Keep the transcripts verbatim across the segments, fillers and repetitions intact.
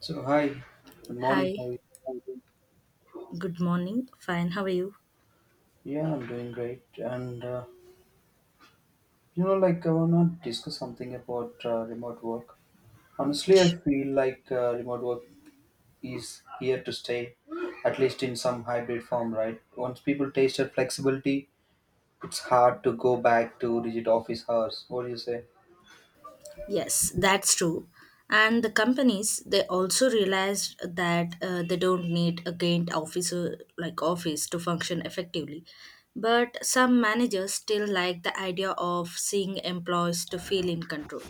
So hi, good morning. Hi, How are you? I'm doing- good morning. Fine, how are you? Yeah, I'm doing great. And uh, you know, like I wanna discuss something about uh, remote work. Honestly, I feel like uh, remote work is here to stay, at least in some hybrid form, right? Once people tasted flexibility, it's hard to go back to rigid office hours. What do you say? Yes, that's true. And the companies they also realized that uh, they don't need a gained officer like office to function effectively. But some managers still like the idea of seeing employees to feel in control.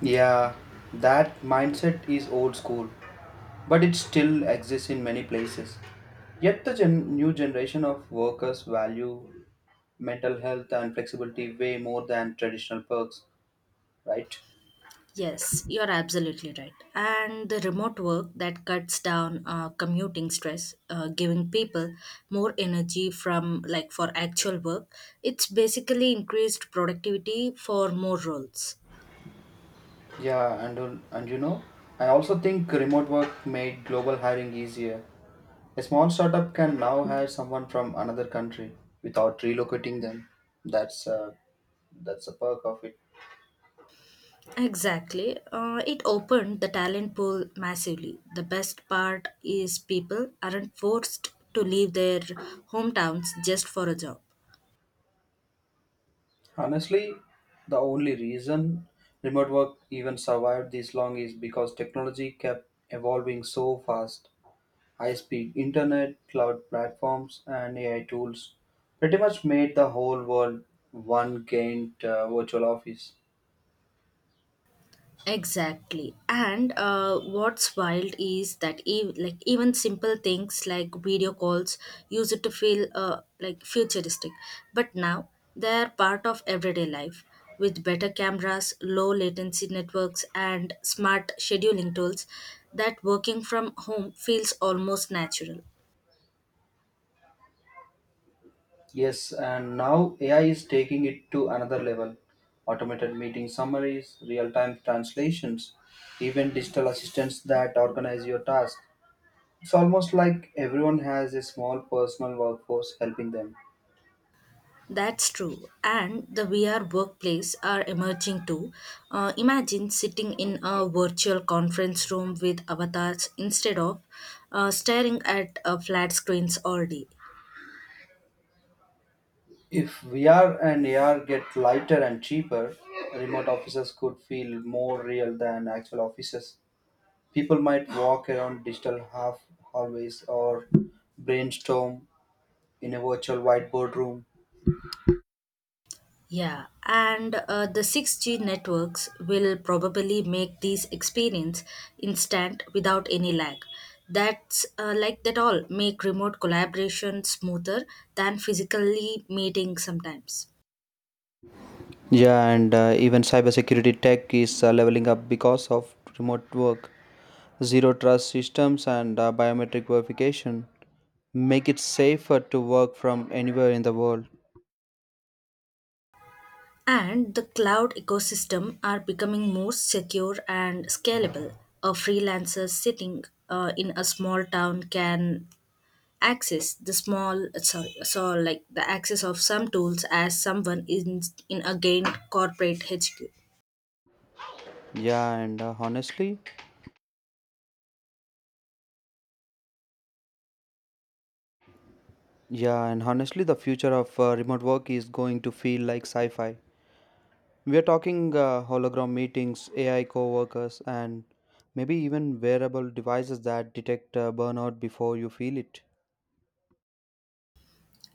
Yeah, that mindset is old school, but it still exists in many places. Yet the gen- new generation of workers value mental health and flexibility way more than traditional perks, right? Yes, you're absolutely right. And the remote work that cuts down uh, commuting stress, uh, giving people more energy from like for actual work, it's basically increased productivity for more roles. Yeah, and uh, and you know, I also think remote work made global hiring easier. A small startup can now hire someone from another country without relocating them. That's uh, that's a perk of it. Exactly. Uh, it opened the talent pool massively. The best part is people aren't forced to leave their hometowns just for a job. Honestly, the only reason remote work even survived this long is because technology kept evolving so fast. High-speed internet, cloud platforms, and A I tools pretty much made the whole world one giant uh, virtual office. Exactly. And uh, what's wild is that ev- like even simple things like video calls use it to feel uh, like futuristic. But now they're part of everyday life. With better cameras, low latency networks, and smart scheduling tools, that working from home feels almost natural. Yes, and now A I is taking it to another level. Automated meeting summaries, real-time translations, even digital assistants that organize your tasks. It's almost like everyone has a small personal workforce helping them. That's true. And the V R workplace are emerging too. Uh, imagine sitting in a virtual conference room with avatars instead of uh, staring at uh, flat screens all day. If V R and A R get lighter and cheaper, remote offices could feel more real than actual offices. People might walk around digital half hallways or brainstorm in a virtual whiteboard room. Yeah, and uh, the six G networks will probably make these experience instant without any lag. That's uh, like that all make remote collaboration smoother than physically meeting sometimes. Yeah, and uh, even cybersecurity tech is uh, leveling up because of remote work. Zero trust systems and uh, biometric verification make it safer to work from anywhere in the world. And the cloud ecosystem are becoming more secure and scalable. A freelancer sitting uh, in a small town can access the small sorry so like the access of some tools as someone in in again corporate H Q. Yeah, and uh, honestly, yeah, and honestly, the future of uh, remote work is going to feel like sci fi. We are talking uh, hologram meetings, A I coworkers, and maybe even wearable devices that detect uh, burnout before you feel it.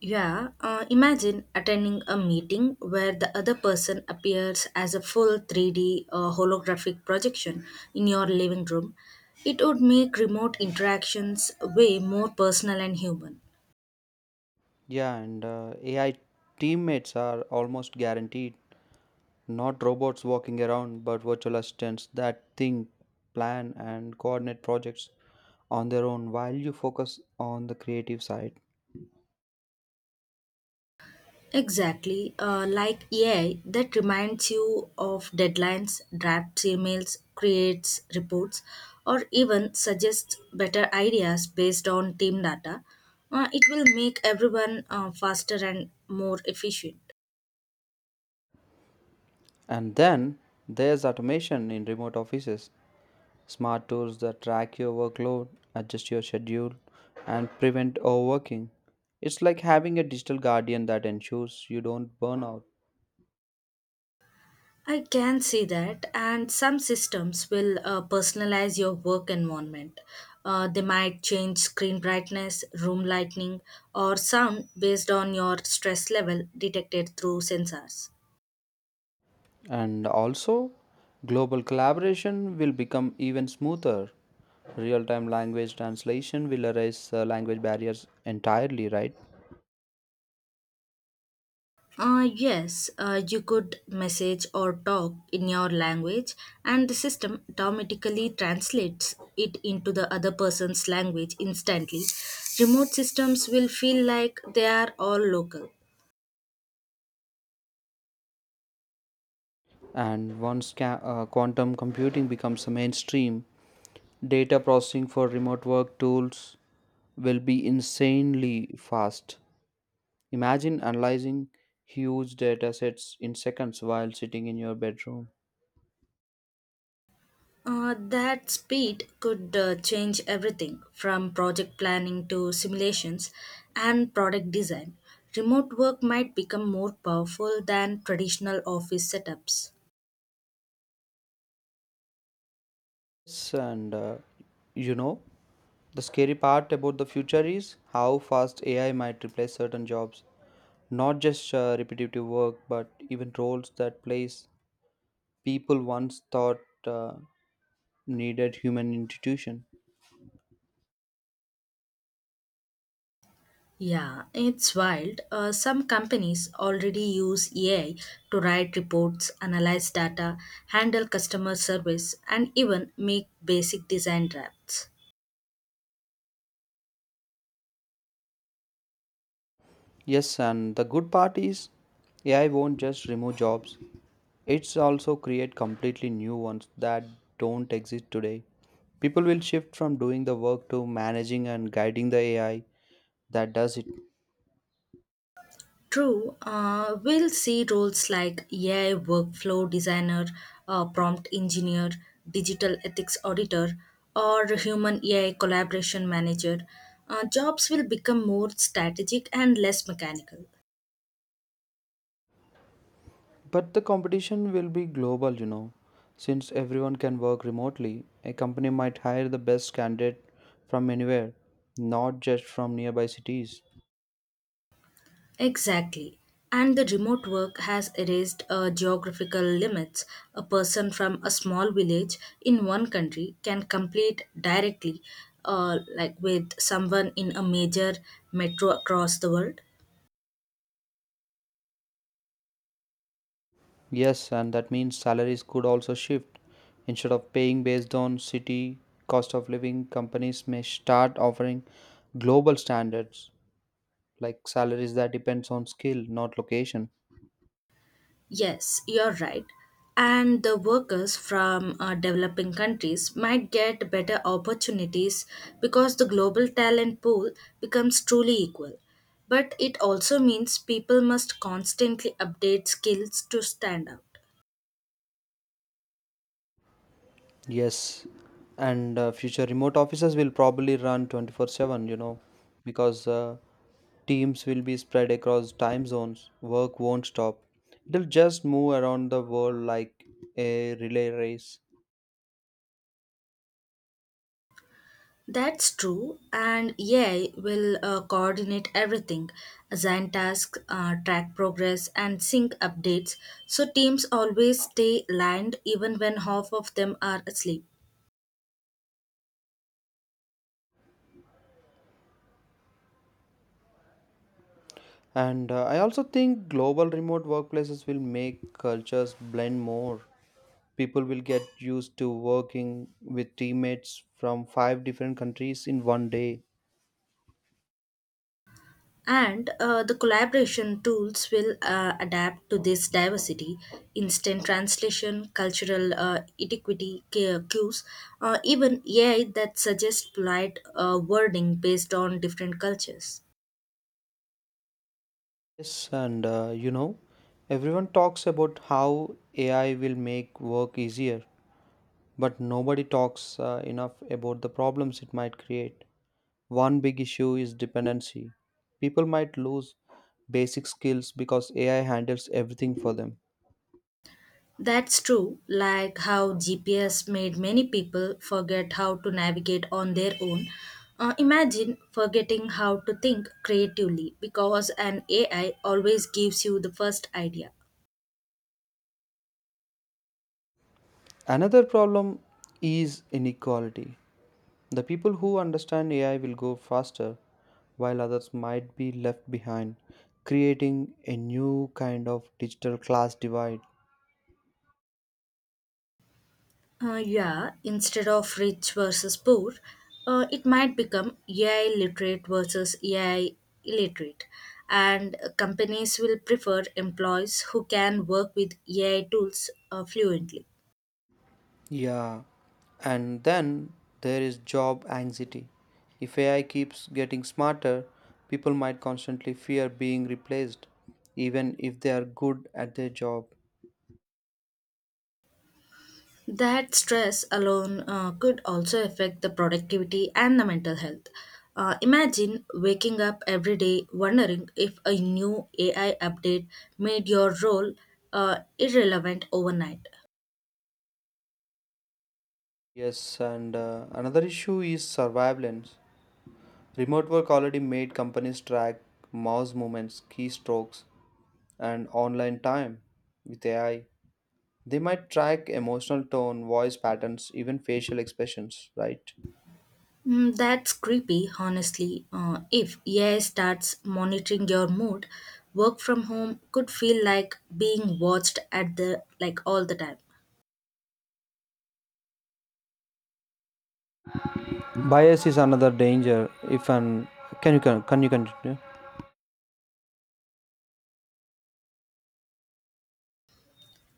Yeah, uh, imagine attending a meeting where the other person appears as a full three D uh, holographic projection in your living room. It would make remote interactions way more personal and human. Yeah, and uh, A I teammates are almost guaranteed. Not robots walking around, but virtual assistants that think, plan, and coordinate projects on their own while you focus on the creative side. Exactly. Uh, like A I that reminds you of deadlines, drafts emails, creates reports, or even suggests better ideas based on team data. Uh, it will make everyone uh, faster and more efficient. And then there's automation in remote offices. Smart tools that track your workload, adjust your schedule, and prevent overworking. It's like having a digital guardian that ensures you don't burn out. I can see that, and some systems will uh, personalize your work environment. Uh, they might change screen brightness, room lighting, or sound based on your stress level detected through sensors. And also, global collaboration will become even smoother. Real time language translation will erase uh, language barriers entirely, right? Uh, yes, uh, you could message or talk in your language, and the system automatically translates it into the other person's language instantly. Remote systems will feel like they are all local. And once ca- uh, quantum computing becomes a mainstream, data processing for remote work tools will be insanely fast. Imagine analyzing huge data sets in seconds while sitting in your bedroom. Uh, that speed could uh, change everything from project planning to simulations and product design. Remote work might become more powerful than traditional office setups. Yes, and uh, you know, the scary part about the future is how fast A I might replace certain jobs. Not just uh, repetitive work, but even roles that place people once thought uh, needed human institution. Yeah, it's wild. Uh, some companies already use A I to write reports, analyze data, handle customer service, and even make basic design drafts. Yes, and the good part is A I won't just remove jobs. It's also create completely new ones that don't exist today. People will shift from doing the work to managing and guiding the A I that does it. True, uh, we'll see roles like A I workflow designer, uh, prompt engineer, digital ethics auditor, or human A I collaboration manager. Uh, jobs will become more strategic and less mechanical. But the competition will be global, you know. Since everyone can work remotely, a company might hire the best candidate from anywhere, not just from nearby cities. Exactly. And the remote work has erased uh, geographical limits. A person from a small village in one country can compete directly uh, like with someone in a major metro across the world. Yes, and that means salaries could also shift. Instead of paying based on city cost of living, companies may start offering global standards like salaries that depends on skill, not location. Yes, you're right. And the workers from uh, developing countries might get better opportunities because the global talent pool becomes truly equal. But it also means people must constantly update skills to stand out. Yes, and uh, future remote offices will probably run twenty-four seven, you know, because uh, teams will be spread across time zones. Work won't stop. It'll just move around the world like a relay race. That's true, and A I will uh, coordinate everything, assign tasks, uh, track progress, and sync updates so teams always stay aligned even when half of them are asleep. And uh, I also think global remote workplaces will make cultures blend more. People will get used to working with teammates from five different countries in one day. And uh, the collaboration tools will uh, adapt to this diversity, instant translation, cultural uh, etiquity cu- cues, uh, even A I that suggests polite uh, wording based on different cultures. Yes, and uh, you know, everyone talks about how A I will make work easier, but nobody talks uh, enough about the problems it might create. One big issue is dependency. People might lose basic skills because A I handles everything for them. That's true, like how G P S made many people forget how to navigate on their own. Uh, imagine forgetting how to think creatively because an A I always gives you the first idea. Another problem is inequality. The people who understand A I will go faster, while others might be left behind, creating a new kind of digital class divide. Uh, yeah, instead of rich versus poor, uh, it might become A I literate versus A I illiterate. And uh, companies will prefer employees who can work with A I tools uh, fluently. Yeah, and then there is job anxiety. If A I keeps getting smarter, people might constantly fear being replaced, even if they are good at their job. That stress alone uh, could also affect the productivity and the mental health. Uh, imagine waking up every day wondering if a new A I update made your role uh, irrelevant overnight. Yes, and uh, another issue is surveillance. Remote work already made companies track mouse movements, keystrokes, and online time with A I. They might track emotional tone, voice patterns, even facial expressions, right? Mm, that's creepy, honestly. Uh, if A I starts monitoring your mood, work from home could feel like being watched at the like all the time. Bias is another danger. If an can you con- can you continue?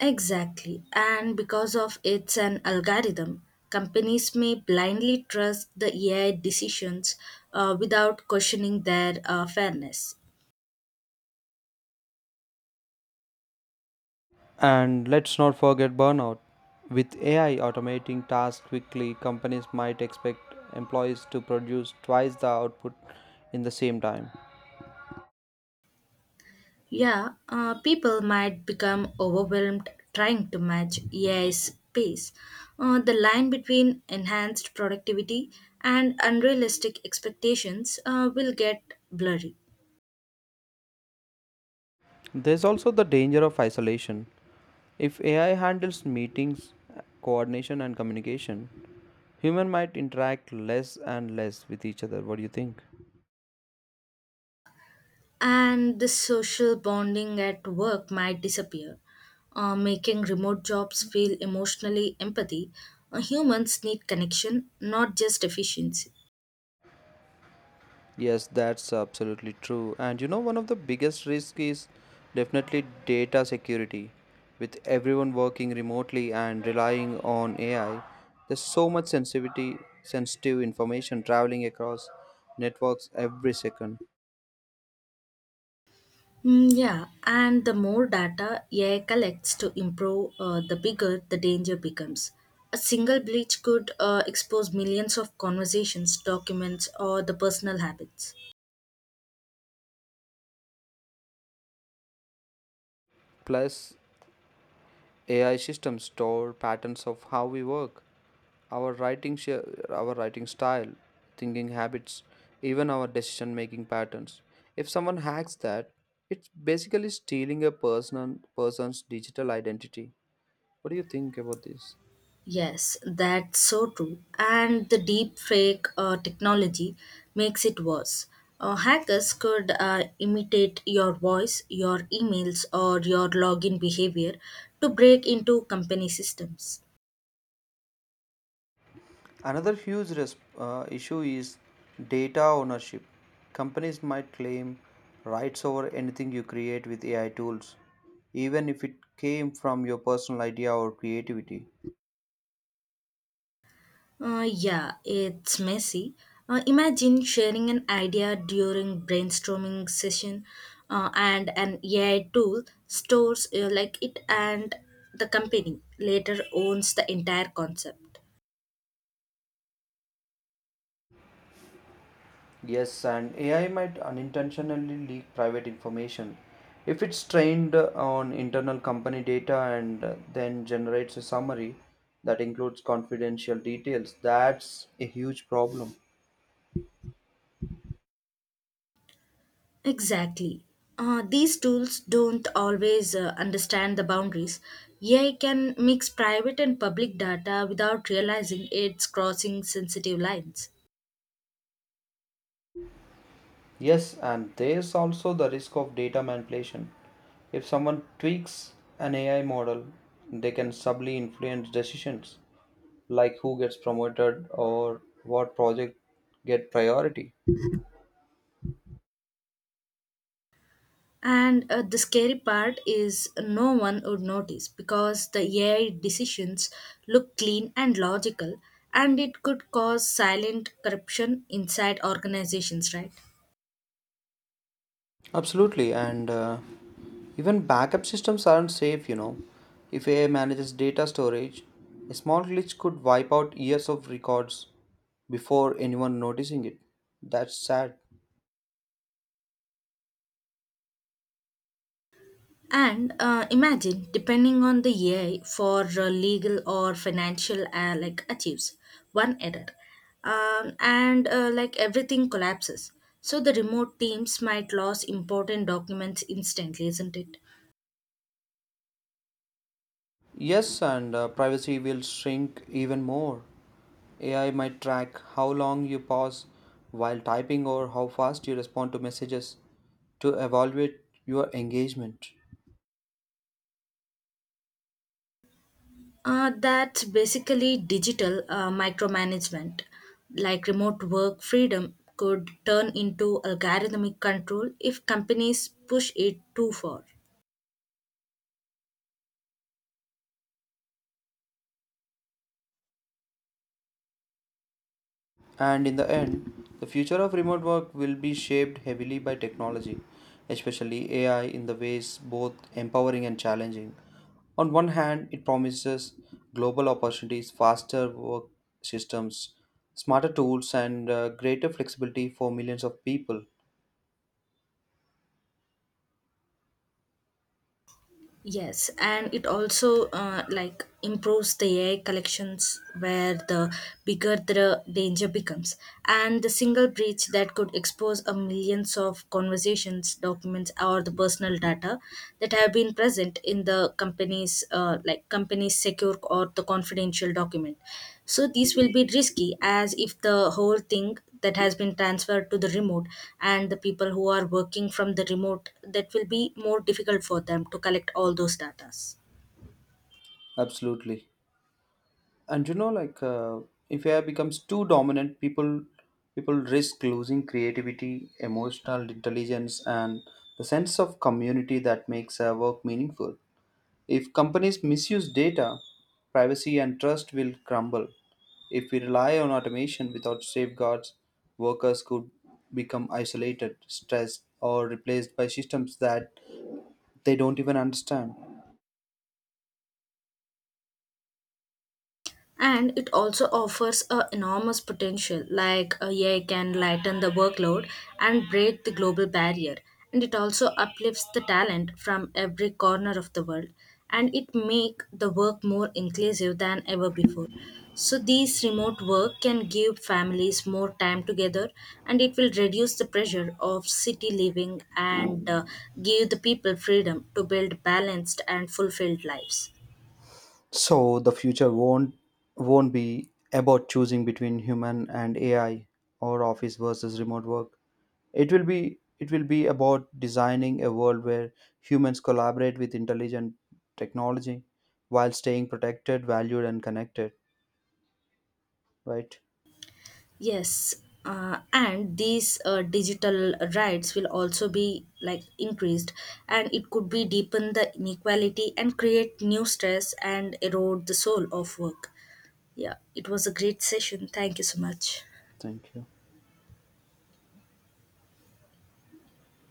Exactly, and because of it's an algorithm, companies may blindly trust the A I decisions uh, without questioning their uh, fairness. And let's not forget burnout. With A I automating tasks quickly, companies might expect employees to produce twice the output in the same time. Yeah, uh, people might become overwhelmed trying to match A I's pace. Uh, the line between enhanced productivity and unrealistic expectations uh, will get blurry, There's also the danger of isolation. If A I handles meetings, coordination, and communication, human might interact less and less with each other. What do you think? and the social bonding at work might disappear, uh, making remote jobs feel emotionally empathy. Uh, humans need connection, not just efficiency. Yes, that's absolutely true. And, you know, one of the biggest risks is definitely data security. With everyone working remotely and relying on A I, there's so much sensitivity, sensitive information traveling across networks every second. Mm, yeah, and the more data A I collects to improve, uh, the bigger the danger becomes. A single breach could uh, expose millions of conversations, documents, or the personal habits. Plus, A I systems store patterns of how we work, our writing sh- our writing style, thinking habits, even our decision making patterns. If someone hacks that, it's basically stealing a person person's digital identity. What do you think about this? Yes, that's so true. And the deep fake uh, technology makes it worse. Uh, hackers could uh, imitate your voice, your emails, or your login behavior to break into company systems. Another huge res- uh, issue is data ownership. Companies might claim rights over anything you create with A I tools, even if it came from your personal idea or creativity. Uh, yeah, it's messy. Uh, imagine sharing an idea during brainstorming session, uh, and an A I tool stores uh, like it, and the company later owns the entire concept. Yes, and A I might unintentionally leak private information. If it's trained on internal company data and then generates a summary that includes confidential details, that's a huge problem. Exactly. Uh, these tools don't always uh, understand the boundaries. A I can mix private and public data without realizing it's crossing sensitive lines. Yes, and there's also the risk of data manipulation. If someone tweaks an A I model, they can subtly influence decisions like who gets promoted or what project get priority. And uh, the scary part is no one would notice because the A I decisions look clean and logical, and it could cause silent corruption inside organizations, right? Absolutely, and uh, even backup systems aren't safe, you know. If A I manages data storage, a small glitch could wipe out years of records before anyone noticing it. That's sad. And uh, imagine, depending on the A I for uh, legal or financial uh, like achieves one error, um, and uh, like everything collapses. So the remote teams might lose important documents instantly, isn't it? Yes, and uh, privacy will shrink even more. A I might track how long you pause while typing or how fast you respond to messages to evaluate your engagement. Uh, that's basically digital uh, micromanagement. Like remote work freedom could turn into algorithmic control if companies push it too far. And in the end, the future of remote work will be shaped heavily by technology, especially A I, in the ways both empowering and challenging. On one hand, it promises global opportunities, faster work systems, smarter tools, and uh, greater flexibility for millions of people. Yes, and it also uh, like improves the A I collections where the bigger the danger becomes, and the single breach that could expose a millions of conversations, documents, or the personal data that have been present in the company's uh, like company's secure or the confidential document. So these will be risky as if the whole thing that has been transferred to the remote and the people who are working from the remote that will be more difficult for them to collect all those datas Absolutely. And, you know like, uh, if A I becomes too dominant, people people risk losing creativity, emotional intelligence, and the sense of community that makes uh, work meaningful. If companies misuse data, privacy and trust will crumble. If we rely on automation without safeguards, workers could become isolated, stressed, or replaced by systems that they don't even understand. and it also offers a enormous potential like uh, A I can lighten the workload and break the global barrier and it also uplifts the talent from every corner of the world and it make the work more inclusive than ever before so these remote work can give families more time together and it will reduce the pressure of city living and uh, give the people freedom to build balanced and fulfilled lives. So the future won't won't be about choosing between human and A I or office versus remote work. It will be it will be about designing a world where humans collaborate with intelligent technology while staying protected, valued and connected, right? Yes, uh, and these uh, digital rights will also be like increased, and it could be deepen the inequality and create new stress and erode the soul of work. Yeah, it was a great session. Thank you so much. Thank you.